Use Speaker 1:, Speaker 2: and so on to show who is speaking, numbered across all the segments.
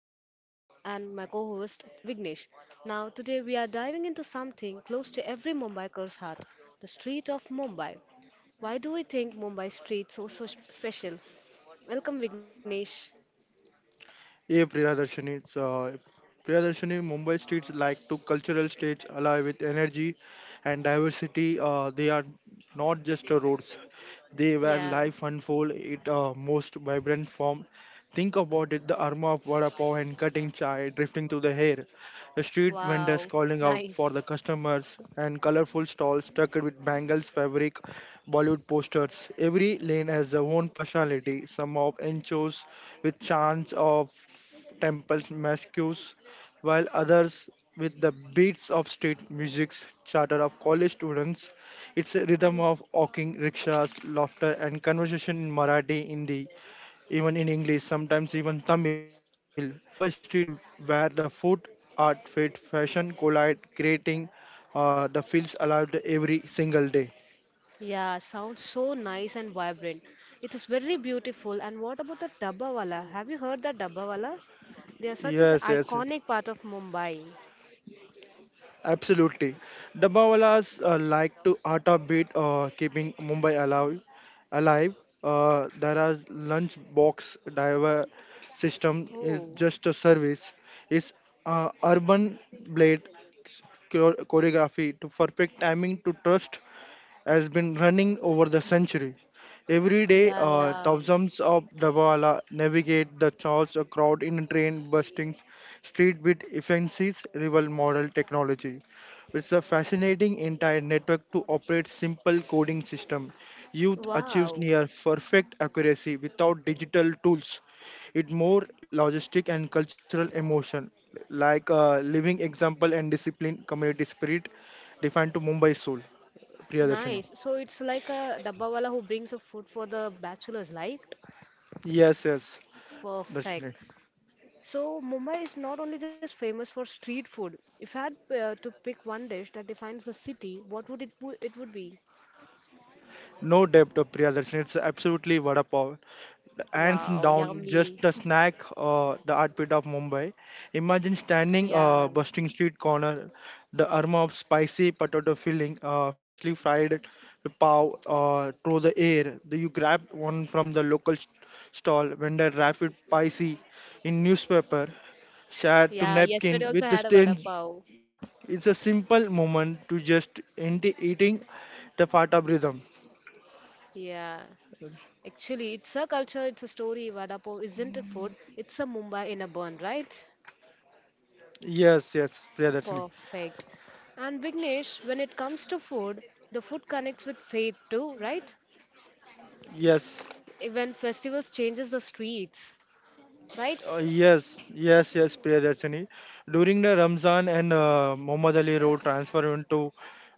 Speaker 1: the host, and my co host Vignesh. Now, today we are diving into something close to every Mumbaiker's heart the street of Mumbai. Why do we think Mumbai street so special? Welcome, Vignesh.
Speaker 2: Yeah, Priyadarshini. Priyadarshini, Mumbai streets like two cultural states alive with energy and diversity. They are not just roads. They
Speaker 1: Yeah.
Speaker 2: where life unfold it most vibrant form. Think about it, the aroma of vada pav and cutting chai drifting through the hair. The street
Speaker 1: Wow.
Speaker 2: vendors calling out
Speaker 1: Nice.
Speaker 2: for the customers and colorful stalls stuck with bangles, fabric, Bollywood posters. Every lane has their own personality. Some of enchos with chants of temple masques, while others with the beats of street music's chatter of college students, its rhythm of walking, rickshaws, laughter and conversation in Marathi, Hindi, even in English, sometimes even Tamil. Mumbai streets where the food, art, fit, fashion collide, creating the feels alive every single day.
Speaker 1: Yeah, sounds so nice and vibrant. It is very beautiful. And what about the Dabbawala? Have you heard the Dabbawalas? They are such an
Speaker 2: Yes, yes.
Speaker 1: iconic part of Mumbai.
Speaker 2: Absolutely. Dabbawalas like to art a beat, keeping Mumbai alive. There are lunch box diver system. It's
Speaker 1: Oh,
Speaker 2: just a service. It's urban blade choreography to perfect timing to trust has been running over the centuries. Every day,
Speaker 1: yeah, yeah.
Speaker 2: thousands of Dabawala navigate the chaos of crowd in train bustings, street with efficiencies, rival model technology. It's a fascinating entire network to operate simple coding system. Youth
Speaker 1: Wow,
Speaker 2: achieves near perfect accuracy without digital tools. It more logistic and cultural emotion, like a living example and discipline, community spirit, defined to Mumbai soul. Priyadarshini.
Speaker 1: nice. So it's like a dabbawala who brings a food for the bachelors, like?
Speaker 2: Yes, yes,
Speaker 1: Perfect.
Speaker 2: Darshini.
Speaker 1: So Mumbai is not only just famous for street food. If I had to pick one dish that defines the city, what would it wo- it would be?
Speaker 2: No depth of Priya Darshini. It's absolutely vada pav.
Speaker 1: Wow,
Speaker 2: Hands
Speaker 1: yummy.
Speaker 2: down, just a snack, the art pit of Mumbai. Imagine standing
Speaker 1: Yeah.
Speaker 2: busting street corner, the aroma of spicy potato filling, freshly fried pav through the air. The, you grab one from the local stall, vendor wrap it spicy in newspaper, share to
Speaker 1: Yeah, yesterday
Speaker 2: napkin
Speaker 1: also I
Speaker 2: with the
Speaker 1: had a vada
Speaker 2: stains.
Speaker 1: pav.
Speaker 2: It's a simple moment to just end eating the part of rhythm.
Speaker 1: Yeah. Actually, it's a culture, it's a story, vada pav isn't a food, it's a Mumbai in a bun, right?
Speaker 2: Yes, yes, Priyadarshini.
Speaker 1: Perfect. And Vignesh, when it comes to food, the food connects with faith too, right?
Speaker 2: Yes,
Speaker 1: Even festivals changes the streets,
Speaker 2: Uh,
Speaker 1: right?
Speaker 2: yes, yes, yes, Priyadarshini. During the Ramzan and Muhammad Ali Road transfer into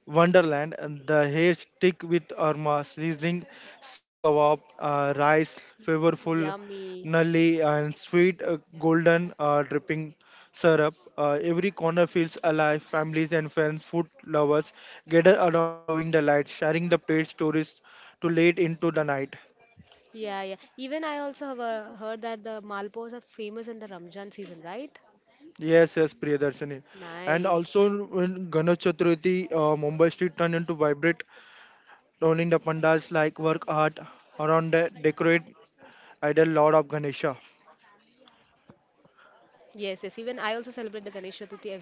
Speaker 2: Wonderland, and the hair stick with Arma, sizzling sea kebab, rice, flavorful
Speaker 1: Yummy.
Speaker 2: nali, and sweet golden dripping syrup. Every corner feels alive. Families and friends, food lovers gather around, glowing the lights, sharing the plate stories to late into the night.
Speaker 1: Yeah, yeah. Even I also have heard that the malpos are famous in the Ramzan season, right?
Speaker 2: Yes, yes, Priyadarshini. And
Speaker 1: Nice.
Speaker 2: also when Ganesh Chaturthi, Mumbai street turned into vibrant, rolling the pandas like work art around the decorate idol Lord of Ganesha.
Speaker 1: Yes, yes. Even I also celebrate the Ganesh Chaturthi every year.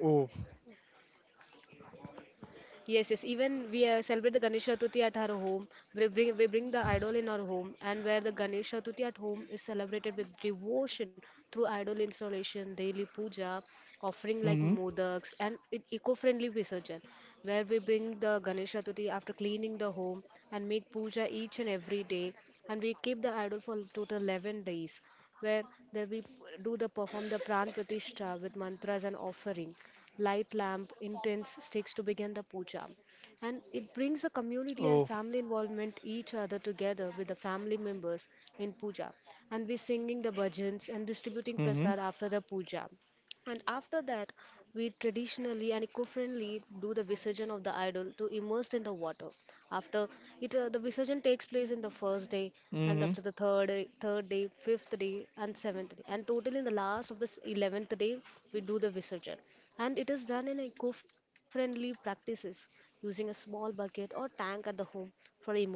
Speaker 2: Oh,
Speaker 1: Yes, yes. Even we celebrate the Ganesh Chaturthi at our home. We bring the idol in our home, and where the Ganesh Chaturthi at home is celebrated with devotion through idol installation, daily puja, offering like
Speaker 2: mm-hmm.
Speaker 1: modaks, and it eco-friendly visarjan, where we bring the Ganesh Chaturthi after cleaning the home and make puja each and every day, and we keep the idol for total 11 days, where there we do the perform the pran pratishtha with mantras and offering light lamp, intense sticks to begin the puja. And it brings the community and
Speaker 2: Oh,
Speaker 1: family involvement each other together with the family members in puja. And we singing the bhajans and distributing
Speaker 2: mm-hmm.
Speaker 1: prasad after the puja. And after that, we traditionally and eco-friendly do the Visarjan of the idol to immersed in the water. After it, the Visarjan takes place in the first day, and
Speaker 2: Mm-hmm.
Speaker 1: after the third day, fifth day, and seventh day, and total in the last of the 11th day, we do the Visarjan, and it is done in eco-friendly practices using a small bucket or tank at the home for immersion,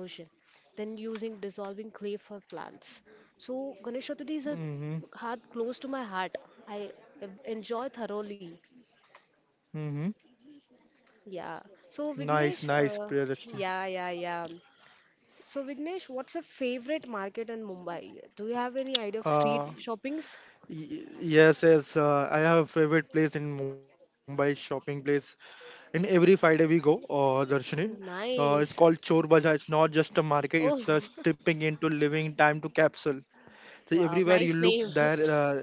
Speaker 1: then using dissolving clay for plants so, Ganesh Chaturthi is a
Speaker 2: Mm-hmm.
Speaker 1: heart close to my heart. I enjoy thoroughly.
Speaker 2: Mm-hmm.
Speaker 1: Yeah. So,
Speaker 2: Nice,
Speaker 1: Vignesh,
Speaker 2: nice,
Speaker 1: uh,
Speaker 2: Priyadarshini.
Speaker 1: yeah, yeah, yeah. So, Vignesh, what's your favorite market in Mumbai? Do you have any idea of
Speaker 2: Uh,
Speaker 1: street shoppings?
Speaker 2: yes, yes. I have a favorite place in Mumbai, shopping place in every Friday we go, Darshini. It's called
Speaker 1: Nice.
Speaker 2: Chor Bazaar. It's not just a market; it's a
Speaker 1: Oh,
Speaker 2: stepping into living time to capsule. So everywhere
Speaker 1: wow.
Speaker 2: you look,
Speaker 1: Nice name.
Speaker 2: there.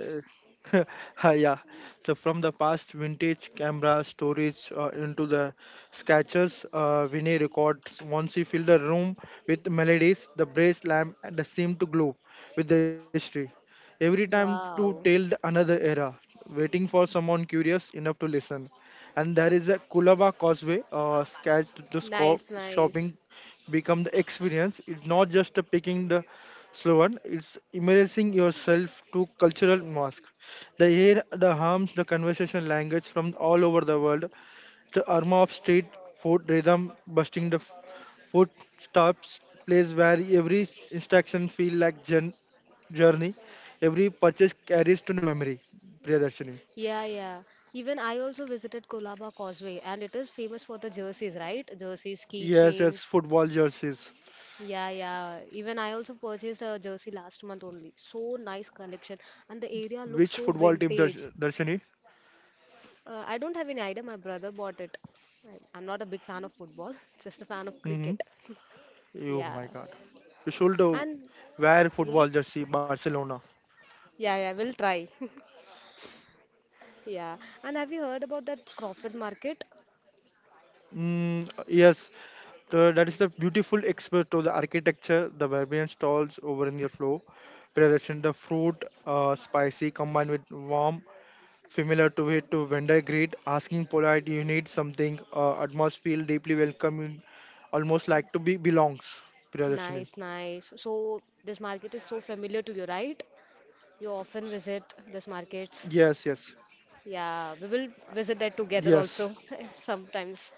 Speaker 2: Ah, yeah. So from the past vintage camera storage into the sketches, Vinay records. Once you fill the room with melodies, the brace lamp and the seem to glow with the history. Every time to
Speaker 1: Wow.
Speaker 2: tell the another era, waiting for someone curious enough to listen. And there is a Kulaba Causeway, sketch to
Speaker 1: Nice, nice.
Speaker 2: shopping become the experience. It's not just a picking the slow one. It's immersing yourself to cultural mask. The air, the harms, the conversation language from all over the world, the aroma of street food rhythm busting the food stops, place where every instruction feel like journey, every purchase carries to the memory. Priyadarshini.
Speaker 1: Yeah, yeah. Even I also visited Kolaba Causeway, and it is famous for the jerseys, right? Jerseys,
Speaker 2: Yes, yes,
Speaker 1: keychains,
Speaker 2: football jerseys.
Speaker 1: yeah, yeah. Even I also purchased a jersey last month only. So nice collection, and the area looks
Speaker 2: Which
Speaker 1: so
Speaker 2: football team,
Speaker 1: vintage.
Speaker 2: Darshini?
Speaker 1: I don't have any idea. My brother bought it. I'm not a big fan of football, just a fan of
Speaker 2: Mm-hmm.
Speaker 1: cricket.
Speaker 2: Oh
Speaker 1: Yeah.
Speaker 2: my God. You should
Speaker 1: And
Speaker 2: wear
Speaker 1: yeah,
Speaker 2: football jersey, Barcelona.
Speaker 1: yeah, yeah. We'll try. Yeah. And have you heard about that Crawford Market?
Speaker 2: Mm, yes, the, that is a beautiful expert of the architecture, the Barbarian stalls over in your flow, presentation the fruit, spicy combined with warm, familiar to it to vendor greet, asking polite, you need something, atmosphere deeply welcoming, almost like to be belongs. Presentation.
Speaker 1: Nice, nice. So this market is so familiar to you, right? You often visit this markets.
Speaker 2: Yes, yes,
Speaker 1: Yeah, we will visit that together
Speaker 2: yes.
Speaker 1: also sometimes.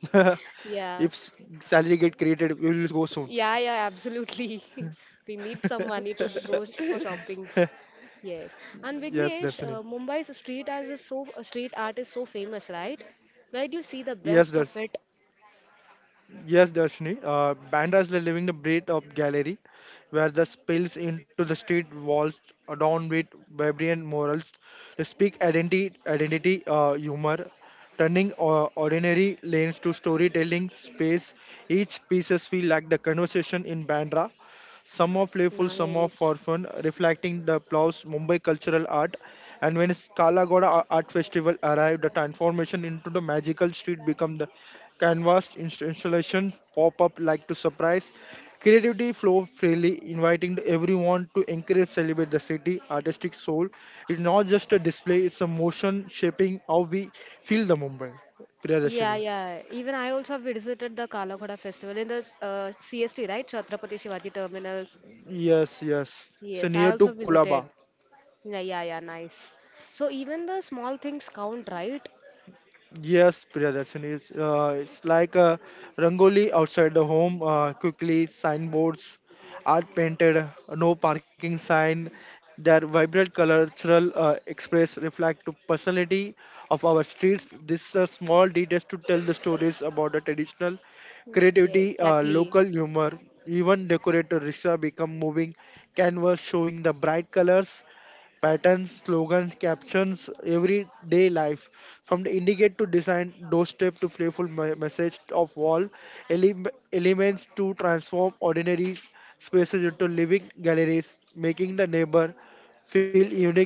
Speaker 1: Yeah,
Speaker 2: if s- salary get created, we will go soon.
Speaker 1: yeah, yeah, absolutely. We need some money to go for shoppings. Yes. And
Speaker 2: Yes,
Speaker 1: Vignesh,
Speaker 2: Darshini.
Speaker 1: Mumbai's street art is so street art is so famous, right? Where do you see the
Speaker 2: Yes,
Speaker 1: best of
Speaker 2: Darshini.
Speaker 1: it?
Speaker 2: Yes, Darshini. Bandra is living the breath of gallery, where the spills into the street walls adorned with vibrant morals. They speak identity, humor, turning ordinary lanes to storytelling space. Each pieces feel like the conversation in Bandra. Some are playful, some are
Speaker 1: Nice.
Speaker 2: for fun, reflecting the Plow's Mumbai cultural art. And when Kala Ghoda Art Festival arrived, the transformation into the magical street became the canvas installations pop up like to surprise. Creativity flow freely, inviting everyone to encourage celebrate the city artistic soul. It's not just a display; it's a motion shaping how we feel the Mumbai.
Speaker 1: Yeah,
Speaker 2: Priyadashini.
Speaker 1: yeah. Even I also have visited the Kala Ghoda festival in the CST, right? Chhatrapati Shivaji Terminals.
Speaker 2: Yes, yes. It's
Speaker 1: Yes, I
Speaker 2: near to
Speaker 1: also visited.
Speaker 2: Kulaba.
Speaker 1: Yeah, yeah, yeah. Nice. So even the small things count, right?
Speaker 2: Yes, Priya Darshan is it's like a rangoli outside the home. Quickly, signboards are painted, no parking sign. Their vibrant cultural express reflect the personality of our streets. These small details to tell the stories about the traditional
Speaker 1: Yeah,
Speaker 2: creativity,
Speaker 1: exactly.
Speaker 2: local humor. Even decorator rickshaw become moving canvas showing the bright colors patterns, slogans, captions, everyday life. From the indicate to design, doorstep to playful message of wall, ele- elements to transform ordinary spaces into living galleries, making the neighbor feel unique,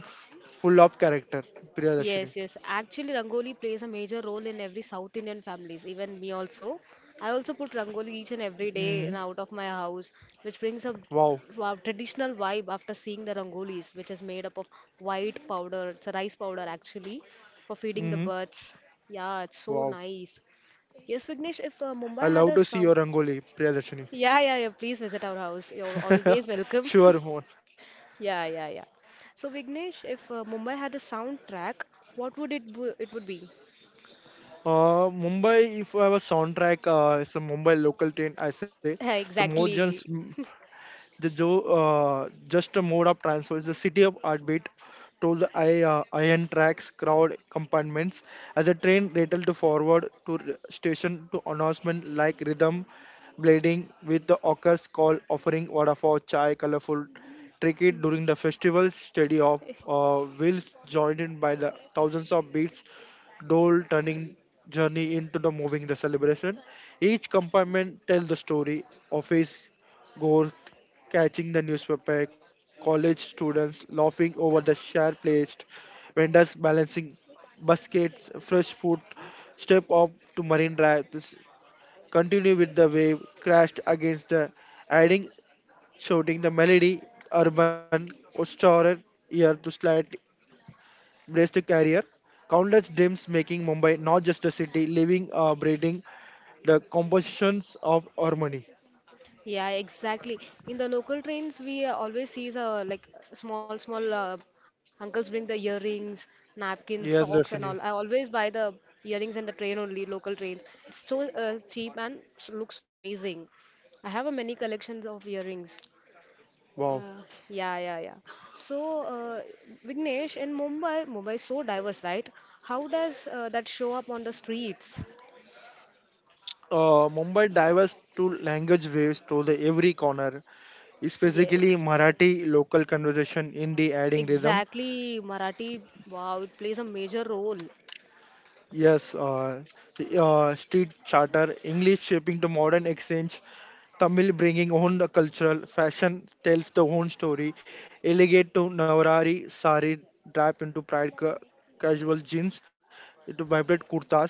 Speaker 2: full of character. Priyadashini.
Speaker 1: Yes, yes. Actually, Rangoli plays a major role in every South Indian families, even me also. I also put Rangoli each and every day
Speaker 2: Mm-hmm.
Speaker 1: and out of my house, which brings a
Speaker 2: Wow.
Speaker 1: wow, traditional vibe after seeing the Rangolis, which is made up of white powder. It's a rice powder actually for feeding the
Speaker 2: Mm-hmm.
Speaker 1: birds. Yeah, it's so
Speaker 2: Wow.
Speaker 1: nice. Yes, Vignesh, if
Speaker 2: I
Speaker 1: Mumbai had
Speaker 2: love
Speaker 1: a
Speaker 2: to see
Speaker 1: sound.
Speaker 2: your Rangoli, Priyadashini.
Speaker 1: Yeah, yeah, yeah. Please visit our house. You're always welcome.
Speaker 2: Sure. Mohan.
Speaker 1: Yeah, yeah, yeah. So Vignesh, if Mumbai had a soundtrack, what would it bu- it would be?
Speaker 2: Mumbai, if I have a soundtrack, it's a Mumbai local train, I say. The more
Speaker 1: Exactly.
Speaker 2: just. The jo- just a mode of transfer is the city of heartbeat told the I, iron tracks, crowd compartments. As a train rattled forward to station to announcement like rhythm blading with the occurs call offering water for chai, colorful tricky during the festival steady of wheels joined in by the thousands of beats dole turning journey into the moving the celebration each compartment tells the story of his Gore catching the newspaper, college students laughing over the share placed, vendors balancing baskets, fresh food, step up to marine drive, continue with the wave, crashed against the adding, shouting the melody, urban, Ostorer, year to slight braced carrier. Countless dreams making Mumbai not just a city, living, breathing the compositions of harmony.
Speaker 1: Yeah, exactly. In the local trains, we always see like small, small uncles bring the earrings, napkins, socks,
Speaker 2: Yes,
Speaker 1: and all. I
Speaker 2: Darshini.
Speaker 1: always buy the earrings in the train only, local trains. It's so cheap and looks so amazing. I have a many collections of earrings.
Speaker 2: Wow.
Speaker 1: Uh, yeah, yeah, yeah. So, uh, Vignesh, in Mumbai, Mumbai is so diverse, right? How does that show up on the streets?
Speaker 2: Mumbai diverse to language waves through the every corner,
Speaker 1: Yes.
Speaker 2: especially Marathi local conversation in the adding rhythm.
Speaker 1: Exactly, Marathi, wow, it plays a major role.
Speaker 2: Yes, street charter, English shaping the modern exchange, Tamil bringing own the cultural fashion tells the own story. Elegant to Navarari sari draped into pride casual jeans, to vibrant kurtas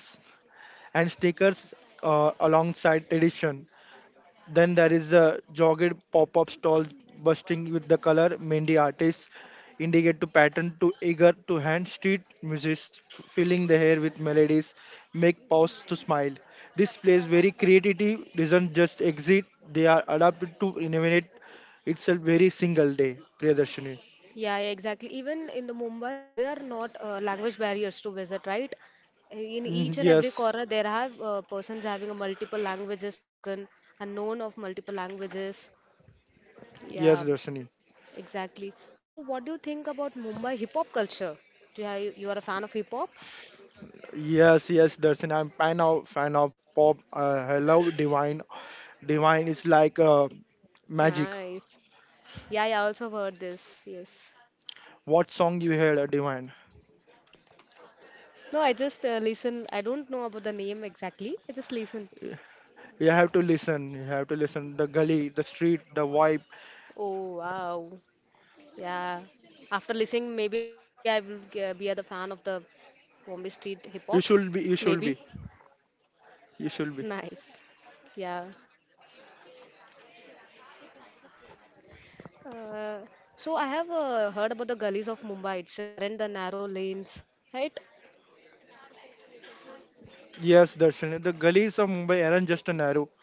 Speaker 2: and sneakers alongside tradition. Then there is a jogged pop-up stall busting with the color. Many artists indicate to pattern to eager to hand street music filling the air with melodies make pause to smile. This place very creativity doesn't just exist; they are adapted to innovate itself very single day. Priyadarshini.
Speaker 1: Yeah, yeah, exactly. Even in the Mumbai, there are not language barriers to visit, right? In
Speaker 2: Mm,
Speaker 1: each and every
Speaker 2: yes,
Speaker 1: corner, there are persons having a multiple languages spoken and known of multiple languages. Yeah,
Speaker 2: yes, Darshini.
Speaker 1: exactly. So, what do you think about Mumbai hip hop culture? You are a fan of hip hop?
Speaker 2: Yes, yes, Darshini. I'm fan of hip hop. I love Divine. Divine is like magic.
Speaker 1: Nice. Yeah, yeah, I also heard this. Yes.
Speaker 2: What song you heard, Divine?
Speaker 1: No, I just listen. I don't know about the name exactly. I just listen.
Speaker 2: You have to listen. The gully, the street, the vibe.
Speaker 1: Oh wow. Yeah. After listening, maybe I will be the fan of the Bombay street hip hop.
Speaker 2: You
Speaker 1: Maybe.
Speaker 2: should be. You should be. You should be.
Speaker 1: Nice. Yeah. Uh, so I have heard about the gullies of Mumbai. It's just aren't the narrow lanes, right?
Speaker 2: Yes, Darshan. The gullies of Mumbai aren't just a narrow.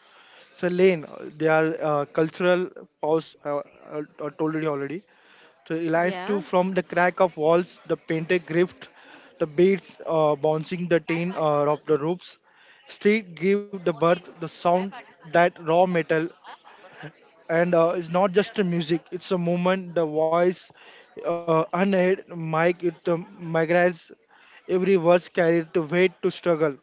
Speaker 2: It's a lane. They are cultural pause. Told you already. So it lines
Speaker 1: Yeah.
Speaker 2: to from the crack of walls, the painted grift, the beats bouncing the tin of the roofs. Street give the birth the sound that raw metal and it's not just a music, it's a movement the voice unheard mic it migrates every word, carried to weight to struggle.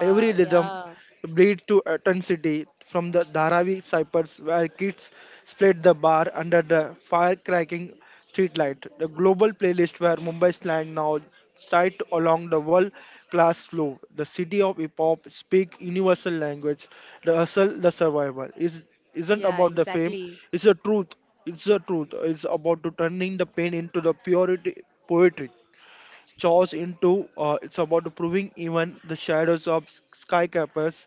Speaker 2: Every rhythm
Speaker 1: Yeah.
Speaker 2: bleeds to intensity from the Dharavi cyphers where kids split the bar under the fire-cracking streetlight. The global playlist where Mumbai slang now sight along the world-class flow. The city of hip-hop speak universal language. The hustle, the survival. Is isn't
Speaker 1: Yeah,
Speaker 2: about the fame.
Speaker 1: exactly.
Speaker 2: It's the truth. It's the truth. It's about to turning the pain into the purity poetry chores into it's about proving even the shadows of skycapers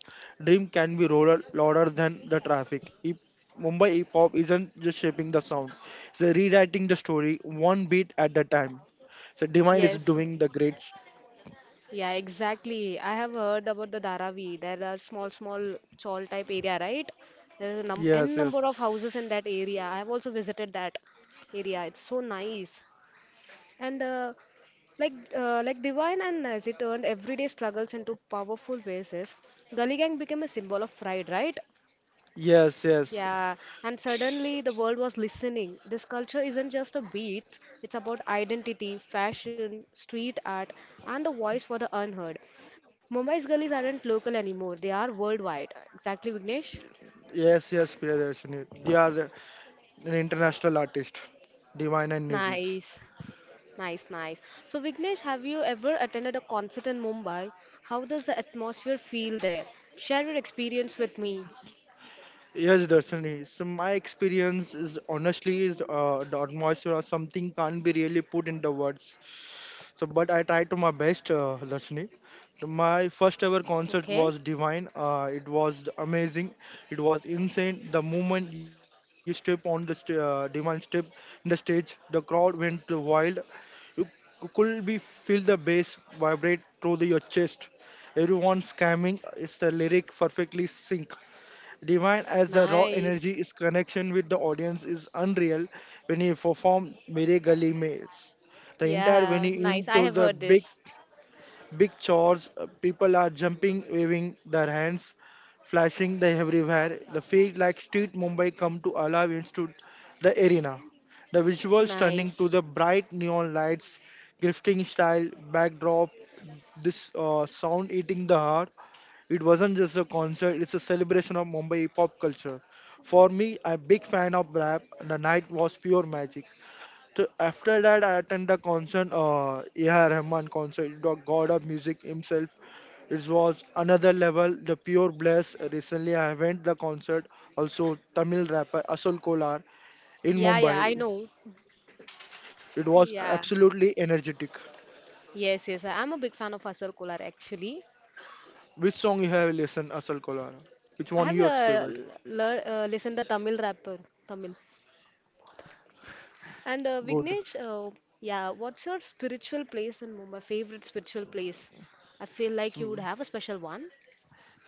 Speaker 2: dream can be louder, louder than the traffic. Mumbai hip hop isn't just shaping the sound, it's rewriting the story one beat at a time. So demand is
Speaker 1: Yes.
Speaker 2: doing the great
Speaker 1: Yeah, exactly. I have heard about the Dharavi. There are small, small chawl type area, right? There is a
Speaker 2: yes yes
Speaker 1: number of houses in that area. I have also visited that area. It's so nice. And like Divine and Nazi turned everyday struggles into powerful bases. Gully Gang became a symbol of pride, right?
Speaker 2: yes yes
Speaker 1: Yeah, and suddenly the world was listening. This culture isn't just a beats, it's about identity, fashion, street art, and a voice for the unheard. Mumbai's gullies aren't local anymore, they are worldwide. Exactly, Vignesh?
Speaker 2: yes, Priyadarshini. They are an international artist divine and Nizis.
Speaker 1: Nice, nice, nice. So, Vignesh, have you ever attended a concert in Mumbai? How does the atmosphere feel there? Share your experience with me.
Speaker 2: Yes, Darshani. So my experience is honestly is the atmosphere or something can't be really put into words. So, but I tried to my best, Darshani. So my first ever
Speaker 1: Okay,
Speaker 2: concert was divine. It was amazing. It was insane. The moment you step on the divine step in the stage, the crowd went wild. You could be feel the bass vibrate through the, your chest. Everyone scamming is the lyric perfectly sync. Divine as the raw
Speaker 1: nice.
Speaker 2: energy, his connection with the audience is unreal when he performed Mere Gali Mails. The entire when
Speaker 1: Yeah,
Speaker 2: he
Speaker 1: nice. I
Speaker 2: into
Speaker 1: have
Speaker 2: the
Speaker 1: heard
Speaker 2: big
Speaker 1: this.
Speaker 2: big chores, people are jumping, waving their hands, flashing the everywhere. The feel like street Mumbai come to alive into the arena. The visual stunning
Speaker 1: Nice.
Speaker 2: to the bright neon lights, grifting style, backdrop, this sound eating the heart. It wasn't just a concert, it's a celebration of Mumbai pop culture. For me, I'm a big fan of rap, and the night was pure magic. So after that, I attended the concert, A.R. Rahman concert, the god of music himself. It was another level, the pure bliss. Recently, I went the concert, also Tamil rapper Asul Kolar in
Speaker 1: Yeah,
Speaker 2: Mumbai.
Speaker 1: yeah, I know.
Speaker 2: It was
Speaker 1: Yeah.
Speaker 2: absolutely energetic.
Speaker 1: Yes, yes. I'm a big fan of Asar Kolar actually.
Speaker 2: Which song you have listened, Asul Kolar? Which
Speaker 1: I
Speaker 2: one
Speaker 1: have
Speaker 2: yours favorite?
Speaker 1: listened to Tamil rapper, Tamil. And uh,
Speaker 2: Good.
Speaker 1: Vignesh, uh, yeah, what's your spiritual place in Mumbai? Favorite spiritual place? I feel like you would have a special one.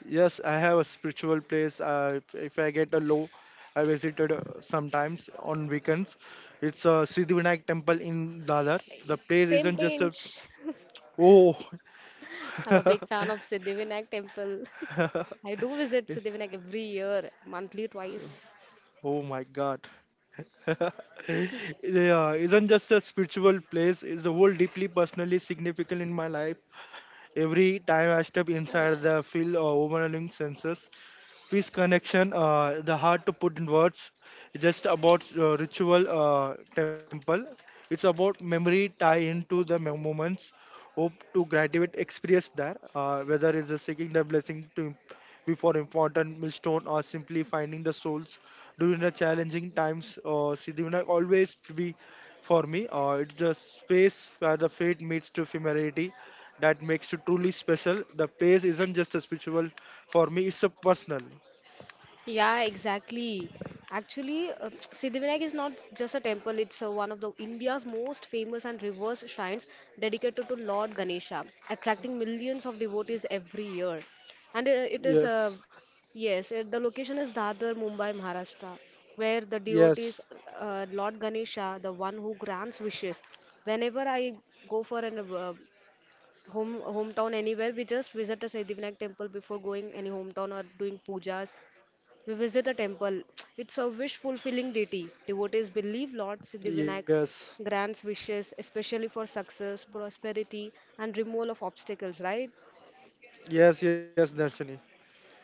Speaker 2: Yes, I have a spiritual place. If I get a low, I visited sometimes on weekends. It's a Siddhivinayak temple in Dadar. The place
Speaker 1: Same
Speaker 2: isn't just a.
Speaker 1: page.
Speaker 2: Oh.
Speaker 1: I'm a big fan of Siddhivinayak temple. I do visit Siddhivinayak every year, monthly twice.
Speaker 2: Oh my God. Yeah, isn't just a spiritual place. It's the whole deeply personally significant in my life. Every time I step inside, the feel overwhelming senses. Peace, connection, the hard to put in words, just about ritual temple, it's about memory tie into the moments, hope to graduate experience there, whether it's a seeking the blessing to before important milestone or simply finding the souls during the challenging times, Siddhivinayak always to be for me, it's the space where the faith meets to familiarity that makes it truly special. The place isn't just a spiritual, for me it's a personal.
Speaker 1: Yeah, exactly. Actually, Siddhivinayak is not just a temple, it's one of the India's most famous and reversed shrines dedicated to Lord Ganesha, attracting millions of devotees every year. And
Speaker 2: Yes,
Speaker 1: yes, the location is Dadar, Mumbai, Maharashtra, where the
Speaker 2: yes,
Speaker 1: deities, Lord Ganesha, the one who grants wishes. Whenever I go for an hometown anywhere, we just visit a Siddhivinayak temple before going any hometown or doing pujas we visit a temple. It's a wish fulfilling deity. Devotees believe Lord Siddhivinayak
Speaker 2: yes,
Speaker 1: grants wishes, especially for success, prosperity, and removal of obstacles, right?
Speaker 2: yes, yes, Darshini.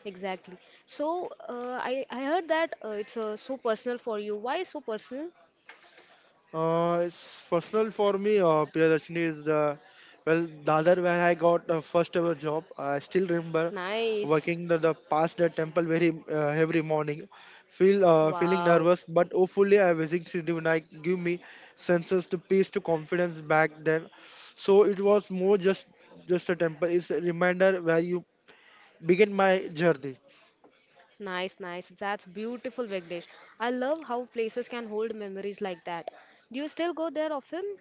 Speaker 1: Exactly. So, I heard that it's so personal for you. Why so personal?
Speaker 2: It's personal for me. Darshini is well, the other when I got first ever job, I still remember
Speaker 1: Nice.
Speaker 2: working the past the temple, very every morning, feeling
Speaker 1: Wow.
Speaker 2: nervous, but hopefully I visiting Siddhi Vinayak give me senses to peace to confidence back then. So it was more just a temple. It's a reminder where you begin my journey.
Speaker 1: Nice, nice. That's beautiful, Vignesh. I love how places can hold memories like that. Do you still go there often?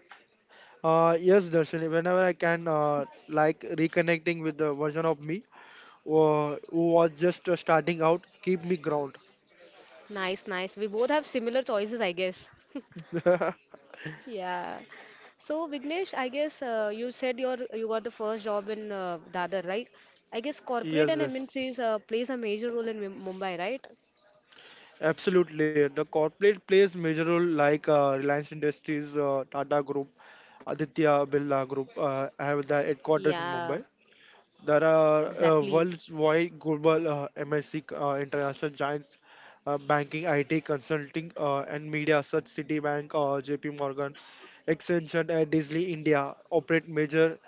Speaker 2: Yes, Darshini. Whenever I can, like reconnecting with the version of me who was just starting out, keep me ground.
Speaker 1: Nice, nice. We both have similar choices, I guess. Yeah. So Vignesh, I guess you said you got the first job in Dadar, right? I guess corporate
Speaker 2: Yes,
Speaker 1: and
Speaker 2: yes,
Speaker 1: MNCs plays a major role in Mumbai, right?
Speaker 2: absolutely. The corporate plays major role, like Reliance Industries, Tata Group, Aditya Birla Group. Have their
Speaker 1: Yeah,
Speaker 2: headquarters in Mumbai. There are
Speaker 1: exactly.
Speaker 2: worldwide global MNC international giants, banking, IT, consulting, and media such Citibank, JP Morgan, Accenture, and Disney India operate major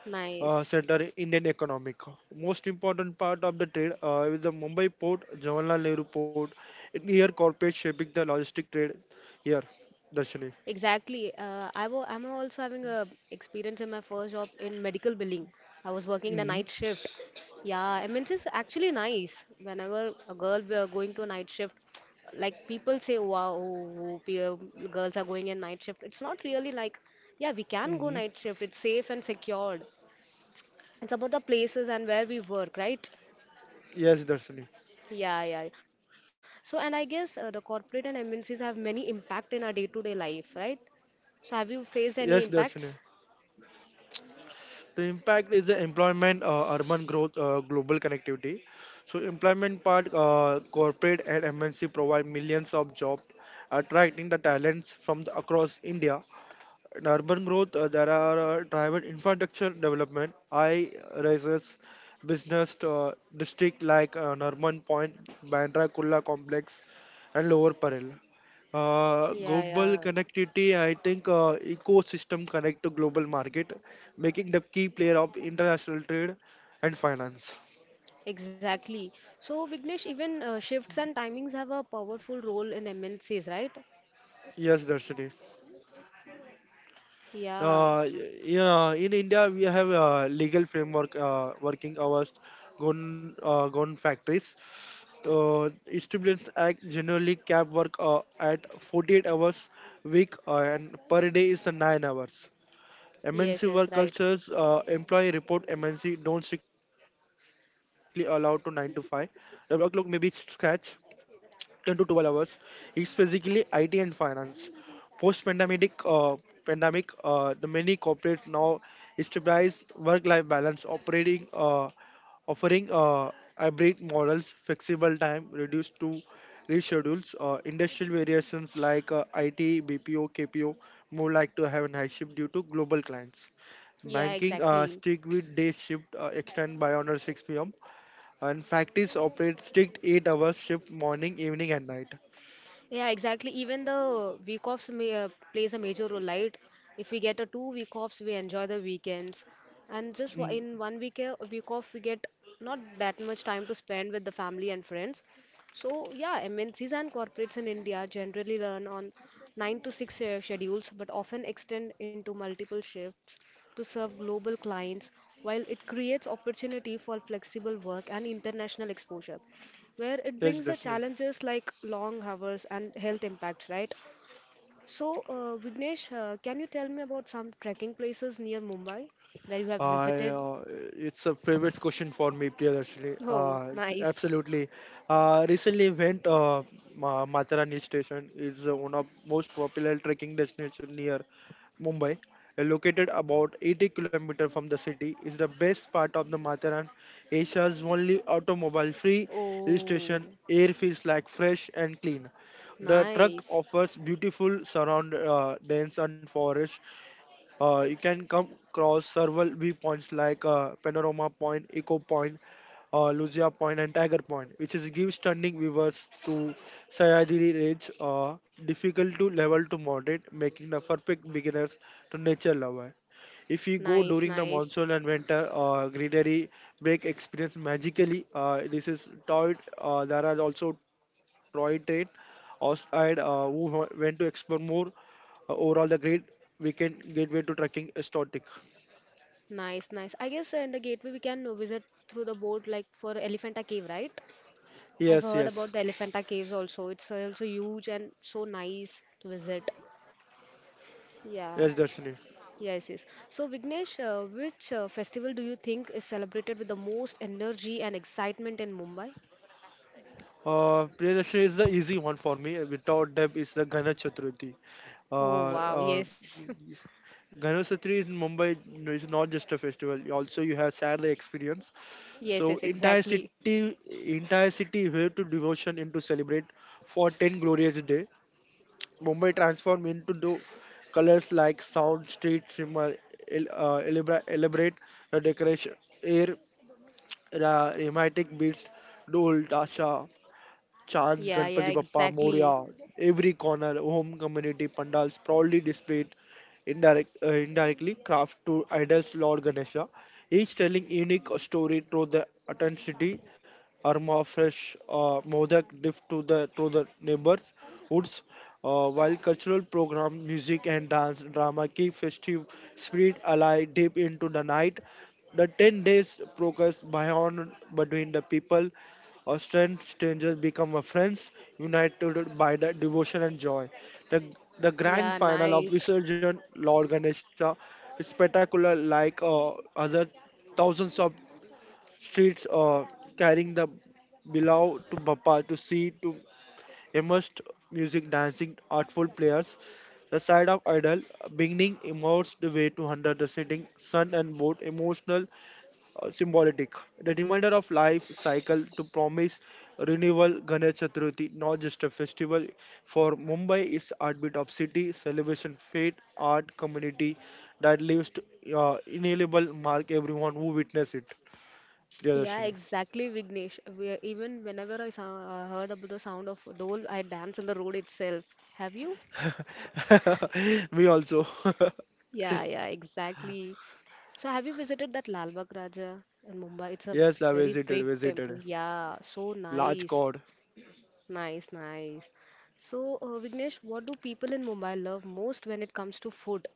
Speaker 1: Nice.
Speaker 2: center in Indian economic. Most important part of the trade is the Mumbai port, Jawaharlal Nehru port, and here corporate shaping the logistic trade here, Darshani.
Speaker 1: Exactly. I'm also having a experience in my first job in medical billing. I was working in a night
Speaker 2: Hmm.
Speaker 1: shift. Yeah, I mean, it's just actually nice. Whenever a girl we are going to a night shift, like people say, wow, girls are going in night shift. It's not really like, yeah, we can go
Speaker 2: Hmm.
Speaker 1: night shift. It's safe and secured. It's about the places and where we work, right?
Speaker 2: Yes, Darshani.
Speaker 1: Yeah, yeah. So, and I guess the corporate and MNCs have many impact in our day-to-day life, right? So, have you faced any
Speaker 2: Yes,
Speaker 1: impacts?
Speaker 2: Darshani. The impact is the employment, urban growth, global connectivity. So employment part, corporate and MNC provide millions of jobs, attracting the talents from across India in urban growth. There are tribal infrastructure development, I rises, business district like Norman Point, Bandra Kulla complex, and Lower Parel.
Speaker 1: Yeah,
Speaker 2: Global
Speaker 1: yeah,
Speaker 2: connectivity, I think ecosystem connect to global market, making the key player of international trade and finance.
Speaker 1: exactly. So, Vignesh, even shifts and timings have a powerful role in MNCs, right?
Speaker 2: Yes, Darshini.
Speaker 1: Yeah,
Speaker 2: Yeah, in India, we have a legal framework working hours, gone factories. Uh, Students Act generally cap work at 48 hours week and per day is the 9 hours.
Speaker 1: yes,
Speaker 2: MNC
Speaker 1: yes,
Speaker 2: work
Speaker 1: right.
Speaker 2: cultures, employee report MNC don't strictly allow to 9 to 5. The workload may be stretched 10 to 12 hours is basically IT and finance. Post pandemic, the many corporates now establish work-life balance, operating, offering hybrid models, flexible time, reduced to reschedules, industrial variations like IT, BPO, KPO, more like to have a high shift due to global clients,
Speaker 1: Yeah,
Speaker 2: banking
Speaker 1: exactly.
Speaker 2: stick with day shift extend by under 6 p.m. and factories operate strict 8 hours shift morning, evening, and night.
Speaker 1: Yeah, exactly. Even the week offs may, plays a major role, right? If we get a 2 week offs, we enjoy the weekends, and
Speaker 2: Mm.
Speaker 1: in 1 week week off, we get not that much time to spend with the family and friends. So yeah, MNCs and corporates in India generally run on 9 to 6 schedules, but often extend into multiple shifts to serve global clients, while it creates opportunity for flexible work and international exposure where it
Speaker 2: Yes,
Speaker 1: brings the
Speaker 2: Darshini.
Speaker 1: challenges like long hours and health impacts, right? So, Vignesh, can you tell me about some trekking places near Mumbai where you have
Speaker 2: I,
Speaker 1: visited?
Speaker 2: uh, it's a favorite question for me, Priya, actually.
Speaker 1: Oh, nice.
Speaker 2: Absolutely. Recently went Matara Hill Station, is one of most popular trekking destination near Mumbai. Located about 80 km from the city, is the best part of the Matharan, Asia's only automobile-free hill
Speaker 1: Oh,
Speaker 2: station. Air feels like fresh and clean. The truck
Speaker 1: nice.
Speaker 2: offers beautiful surround dense and forest, you can come across several viewpoints like Panorama Point, Eco Point, Lucia Point, and Tiger Point, which is give stunning viewers to Sayadiri Range, difficult to level to moderate, making the perfect beginners to nature lover. If you go
Speaker 1: Nice,
Speaker 2: during the
Speaker 1: nice.
Speaker 2: monsoon and winter, greenery make experience magically. This is toy. There are also toy train outside who went to explore more. Overall, the great we can get way to tracking static.
Speaker 1: Nice, nice. I guess in the gateway we can visit through the boat like for Elephanta Cave, right? I've heard
Speaker 2: Yes,
Speaker 1: about the
Speaker 2: yes,
Speaker 1: Elephanta Caves also. It's also huge and so nice to visit. Yeah.
Speaker 2: yes, Darshini.
Speaker 1: Yes, yes. So, Vignesh, which festival do you think is celebrated with the most energy and excitement in Mumbai?
Speaker 2: Priyadashini is the easy one for me. Without doubt, is the Ganesh Chaturthi. Uh,
Speaker 1: Oh, wow.
Speaker 2: uh,
Speaker 1: Yes.
Speaker 2: Ganesh Chaturthi in Mumbai no, is not just a festival. Also, you have shared the experience.
Speaker 1: Yes,
Speaker 2: So,
Speaker 1: yes, exactly.
Speaker 2: entire city, way to devotion and to celebrate for 10 glorious day. Mumbai transform into the colors like sound, street, simmer, elaborate the decoration, air rhythmic beats, dol, tasha, Chants
Speaker 1: Yeah, yeah,
Speaker 2: Ganpati Bappa
Speaker 1: exactly.
Speaker 2: Moria, every corner, home community pandals proudly displayed indirectly craft to idols Lord Ganesha, each telling unique story through the authenticity, aroma fresh modak diff to the neighbors woods. While cultural program, music and dance drama keep festive spirit alive deep into the night, the 10 days progress beyond between the people or strangers become a friends, united by the devotion and joy. The, the
Speaker 1: Yeah,
Speaker 2: grand final of
Speaker 1: nice.
Speaker 2: Visurgent Lord Ganesha is spectacular, like other thousands of streets carrying the below to Bappa to see to immersed music, dancing, artful players. The side of idol beginning immersed the way to under the setting sun and boat emotional, symbolic. The reminder of life cycle to promise renewal Ganesh Chaturthi, not just a festival. For Mumbai is heartbeat of city, celebration, faith, art, community that leaves inalienable mark everyone who witness it.
Speaker 1: Yeah,
Speaker 2: Yadashini.
Speaker 1: exactly, Vignesh. Even whenever I heard about the sound of dole, I dance on the road itself. Have you?
Speaker 2: Me also.
Speaker 1: Yeah, yeah, exactly. So, have you visited that Lal Bagh Raja in Mumbai? It's a
Speaker 2: Yes, I
Speaker 1: very
Speaker 2: visited,
Speaker 1: big temple.
Speaker 2: visited.
Speaker 1: Yeah, so
Speaker 2: Large
Speaker 1: nice.
Speaker 2: cod.
Speaker 1: Nice, nice. So, Vignesh, what do people in Mumbai love most when it comes to food?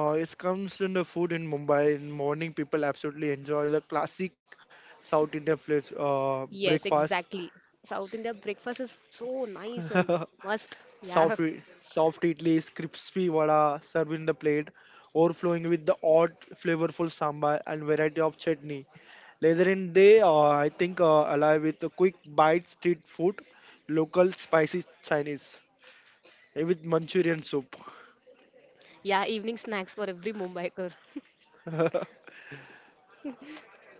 Speaker 2: It comes in the food in Mumbai. In morning, people absolutely enjoy the classic
Speaker 1: S-
Speaker 2: South Indian place,
Speaker 1: Yes,
Speaker 2: breakfast.
Speaker 1: exactly. South India breakfast is so nice and must.
Speaker 2: Soft,
Speaker 1: Yeah,
Speaker 2: soft idlis, crispy vada served in the plate, overflowing with the odd flavorful sambar and variety of chutney. Later in day, I think alive with a quick bite street food, local spicy Chinese, with Manchurian soup.
Speaker 1: yeah, evening snacks for every Mumbaiker.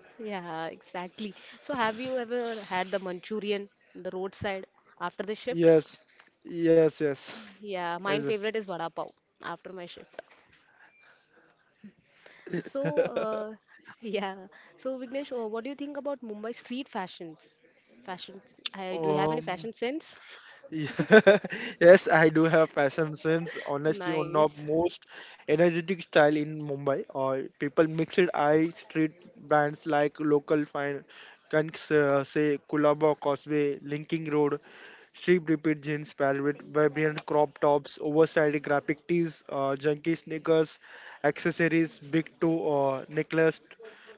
Speaker 1: Yeah, exactly. So, have you ever had the Manchurian, the roadside after the shift?
Speaker 2: Yes, yes, yes,
Speaker 1: Yeah,
Speaker 2: yes.
Speaker 1: my
Speaker 2: Yes.
Speaker 1: favorite is vada pav after my shift. So, uh, yeah. So, Vignesh, what do you think about Mumbai street fashions? Fashions. Do you have any
Speaker 2: Um,
Speaker 1: fashion sense?
Speaker 2: Yeah. Yes, I do have fashion sense. Honestly, one of
Speaker 1: Nice,
Speaker 2: most energetic style in Mumbai. Or people mix it. I street brands like local fine, can say Kulaba Causeway, Linking Road, Street Repeat jeans paired with vibrant crop tops, oversized graphic tees, junky sneakers, accessories, big toe necklace,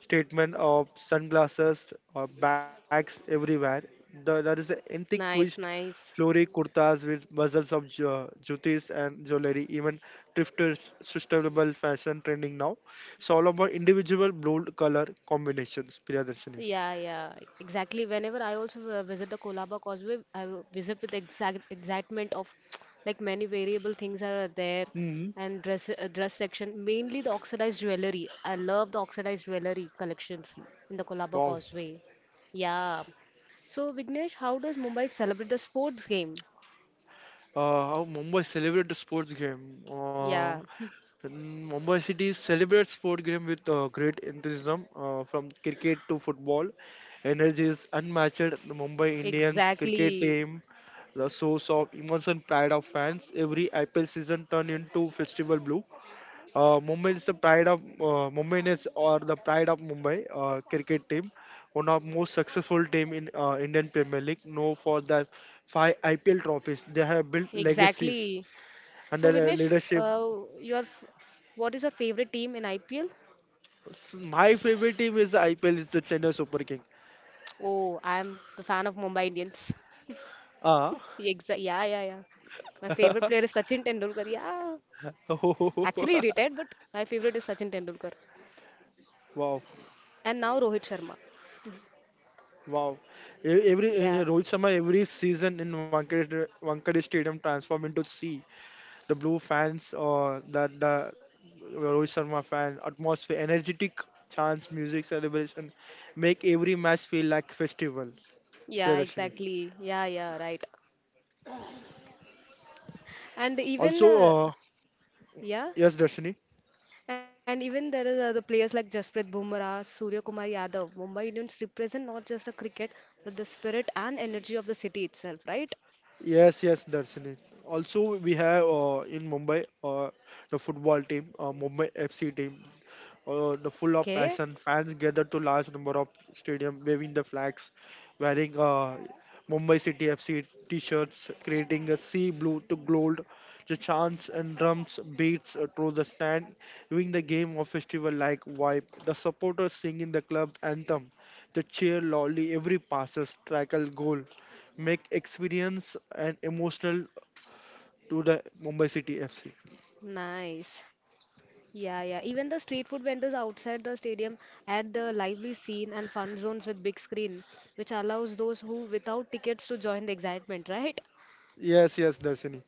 Speaker 2: statement of sunglasses, bags everywhere. There is an antique
Speaker 1: nice,
Speaker 2: twist,
Speaker 1: nice.
Speaker 2: Flori kurtas with bezels of jutis and jewelry, even thrifters sustainable fashion trending now. It's all about individual bold color combinations, Priyadarshini.
Speaker 1: Yeah, yeah, exactly. Whenever I also visit the Kolaba Causeway, I will visit with exact excitement of like many variable things are there
Speaker 2: Hmm.
Speaker 1: and dress section, mainly the oxidized jewelry. I love the oxidized jewelry collections in the Kolaba
Speaker 2: Wow.
Speaker 1: Causeway. Yeah. So, Vignesh, how does Mumbai celebrate the sports game?
Speaker 2: How Mumbai celebrate the sports game.
Speaker 1: Yeah,
Speaker 2: And Mumbai City celebrates sport game with great enthusiasm, from cricket to football. Energy is unmatched. The Mumbai Indians cricket
Speaker 1: exactly.
Speaker 2: team, the source of emotion pride of fans. Every IPL season turn into festival blue. Mumbai is the pride of Mumbai is or the pride of Mumbai cricket team, one of most successful team in Indian Premier League. Known for their five IPL trophies, they have built legacies
Speaker 1: Exactly. So,
Speaker 2: under their
Speaker 1: Vignesh,
Speaker 2: leadership.
Speaker 1: what is your favorite team in IPL?
Speaker 2: My favorite team is the IPL is the Chennai Super King.
Speaker 1: Oh, I'm the fan of Mumbai Indians.
Speaker 2: Ah.
Speaker 1: Exactly. Yeah, yeah, yeah. My favorite player is Sachin Tendulkar. Yeah. Actually, he retired, but my favorite is Sachin Tendulkar.
Speaker 2: Wow,
Speaker 1: And now Rohit Sharma.
Speaker 2: wow! Every
Speaker 1: Yeah.
Speaker 2: Rohit Sharma every season in Wankhede Stadium transform into sea. The blue fans or that the Rohit Sharma fan atmosphere, energetic chants, music, celebration make every match feel like festival. Yeah,
Speaker 1: Yeah,
Speaker 2: Darshini.
Speaker 1: exactly. Yeah, yeah, right. And
Speaker 2: Also,
Speaker 1: even
Speaker 2: yes,
Speaker 1: yeah,
Speaker 2: Darshini.
Speaker 1: and even there is other players like Jasprit Bumrah, Surya Kumar Yadav. Mumbai Indians represent not just the cricket, but the spirit and energy of the city itself, right?
Speaker 2: Yes, yes, Darshini. Also, we have in Mumbai the football team, Mumbai FC team. The full of passion.
Speaker 1: Okay,
Speaker 2: Fans gathered to large number of stadium, waving the flags, wearing Mumbai City FC t-shirts, creating a sea blue to gold. The chants and drums beats through the stand, giving the game a festival-like vibe. The supporters singing the club anthem, the cheer loudly every passes, tackle, goal, make experience and emotional to the Mumbai City FC.
Speaker 1: nice. Yeah, yeah. Even the street food vendors outside the stadium add the lively scene and fun zones with big screen, which allows those who without tickets to join the excitement, right?
Speaker 2: Yes, yes, Darshini.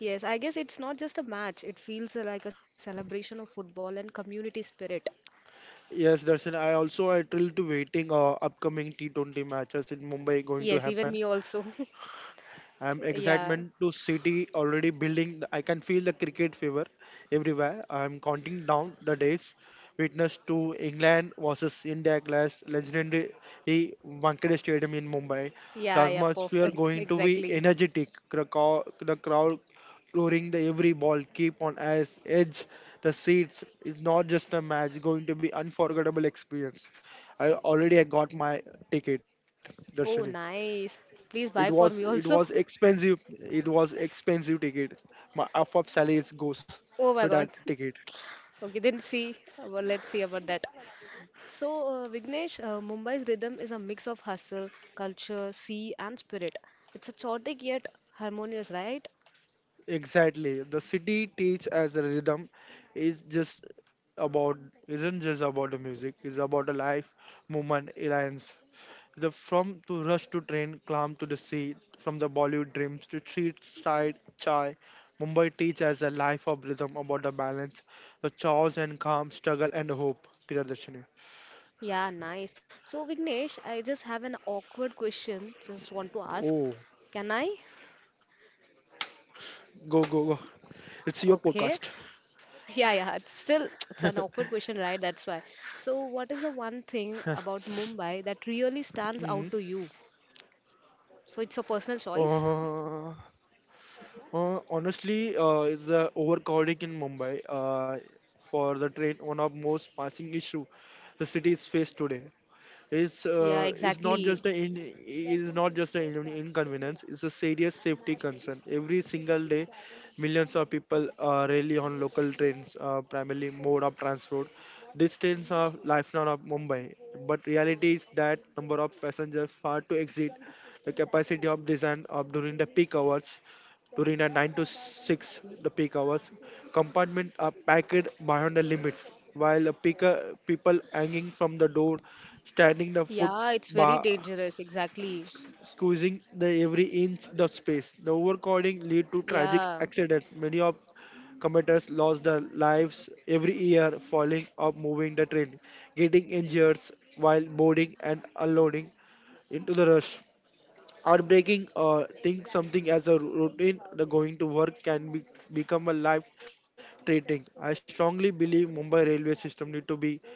Speaker 1: Yes, I guess it's not just a match. It feels like a celebration of football and community spirit.
Speaker 2: Yes, Darsin. I also I thrilled to waiting upcoming T20 matches in Mumbai going to
Speaker 1: Yes, even me
Speaker 2: happen.
Speaker 1: also.
Speaker 2: I'm
Speaker 1: Yeah.
Speaker 2: excitement to City already building. I can feel the cricket fever everywhere. I'm counting down the days. Witness to England versus India clash, legendary Wankhede Stadium in Mumbai.
Speaker 1: Yeah,
Speaker 2: The
Speaker 1: yeah,
Speaker 2: atmosphere
Speaker 1: perfect.
Speaker 2: going to be
Speaker 1: Exactly.
Speaker 2: energetic. The crowd, the crowd roaring the every ball, keep on as edge the seats. It's not just a match. Going to be unforgettable experience. I already I got my ticket, Darshini.
Speaker 1: Oh, nice.
Speaker 2: It
Speaker 1: Please
Speaker 2: was
Speaker 1: buy for
Speaker 2: it
Speaker 1: me
Speaker 2: was
Speaker 1: also.
Speaker 2: expensive. It was expensive ticket. My half of salaries goes to
Speaker 1: Oh my
Speaker 2: that
Speaker 1: God.
Speaker 2: ticket.
Speaker 1: Okay, then see. Well, let's see about that. So, Vignesh, Mumbai's rhythm is a mix of hustle, culture, sea, and spirit. It's a chaotic yet harmonious, right?
Speaker 2: Exactly. The city teach as a rhythm is just about isn't just about the music. It's about the life, movement, alliance. The from to rush to train, climb to the sea, from the Bollywood dreams to street style chai. Mumbai teach as a life of rhythm about the balance, the chores and calm, struggle and hope. Priyadarshini.
Speaker 1: Yeah, nice. So, Vignesh, I just have an awkward question. Just want to ask.
Speaker 2: Oh,
Speaker 1: Can I?
Speaker 2: go go go. It's your
Speaker 1: Okay.
Speaker 2: podcast.
Speaker 1: Yeah, yeah. It's still, it's an awkward question, right? That's why. So, what is the one thing about Mumbai that really stands out
Speaker 2: Hmm.
Speaker 1: to you? So, it's a personal choice?
Speaker 2: Uh, honestly, is overcrowding in Mumbai. For the train, one of most passing issue the city is faced today. is
Speaker 1: Yeah,
Speaker 2: uh, is not
Speaker 1: exactly.
Speaker 2: just an inconvenience. It's a serious safety concern every single day. Millions of people rely on local trains, primarily mode of transport. These trains are lifeline of mumbai, but reality is that number of passengers far to exceed the capacity of design of during the peak hours, during the 9 to 6 the peak hours. Compartments are packed beyond the limits, while a peak people hanging from the door, standing the foot
Speaker 1: Yeah, it's very
Speaker 2: bar,
Speaker 1: dangerous. Exactly.
Speaker 2: squeezing the every inch the space. The overcrowding lead to
Speaker 1: Yeah.
Speaker 2: tragic accidents. Many of commuters lost their lives every year falling or moving the train, getting injured while boarding and unloading into the rush. Outbreaking or think something as a routine, the going to work become a life threatening. I strongly believe Mumbai railway system need to be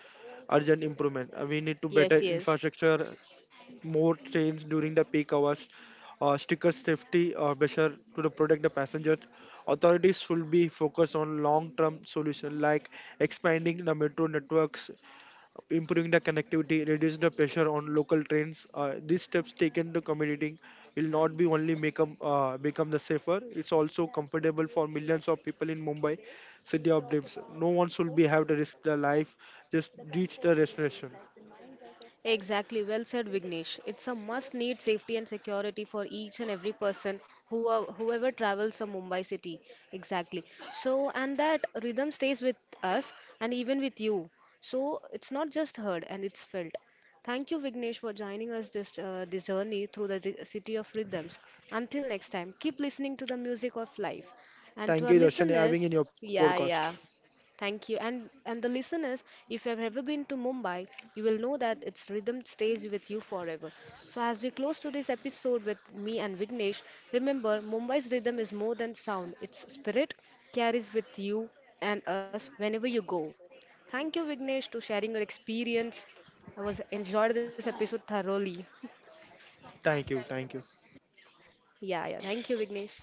Speaker 2: urgent improvement. We need to
Speaker 1: Yes,
Speaker 2: better
Speaker 1: yes.
Speaker 2: infrastructure, more trains during the peak hours, sticker safety measure to the protect the passengers. Authorities should be focused on long-term solution like expanding the metro networks, improving the connectivity, reducing the pressure on local trains. These steps taken to commuting will not be only make 'em, become the safer, it's also comfortable for millions of people in Mumbai, city of dreams. No one should be have to risk their life, just reach the destination.
Speaker 1: Exactly, well said, Vignesh. It's a must-need safety and security for each and every person whoever travels from Mumbai city. Exactly. So, and that rhythm stays with us and even with you. So, it's not just heard and it's felt. Thank you, Vignesh, for joining us this journey through the city of rhythms. Until next time, keep listening to the music of life. And to
Speaker 2: Thank
Speaker 1: our
Speaker 2: you, Darshan, having
Speaker 1: listeners,
Speaker 2: in your
Speaker 1: yeah,
Speaker 2: podcast.
Speaker 1: yeah. Thank you. And the listeners, if you have ever been to Mumbai, you will know that its rhythm stays with you forever. So as we close to this episode with me and Vignesh, remember Mumbai's rhythm is more than sound. Its spirit carries with you and us whenever you go. Thank you, Vignesh, to sharing your experience. I was enjoyed this episode thoroughly.
Speaker 2: Thank you, thank you.
Speaker 1: Yeah, yeah. Thank you, Vignesh.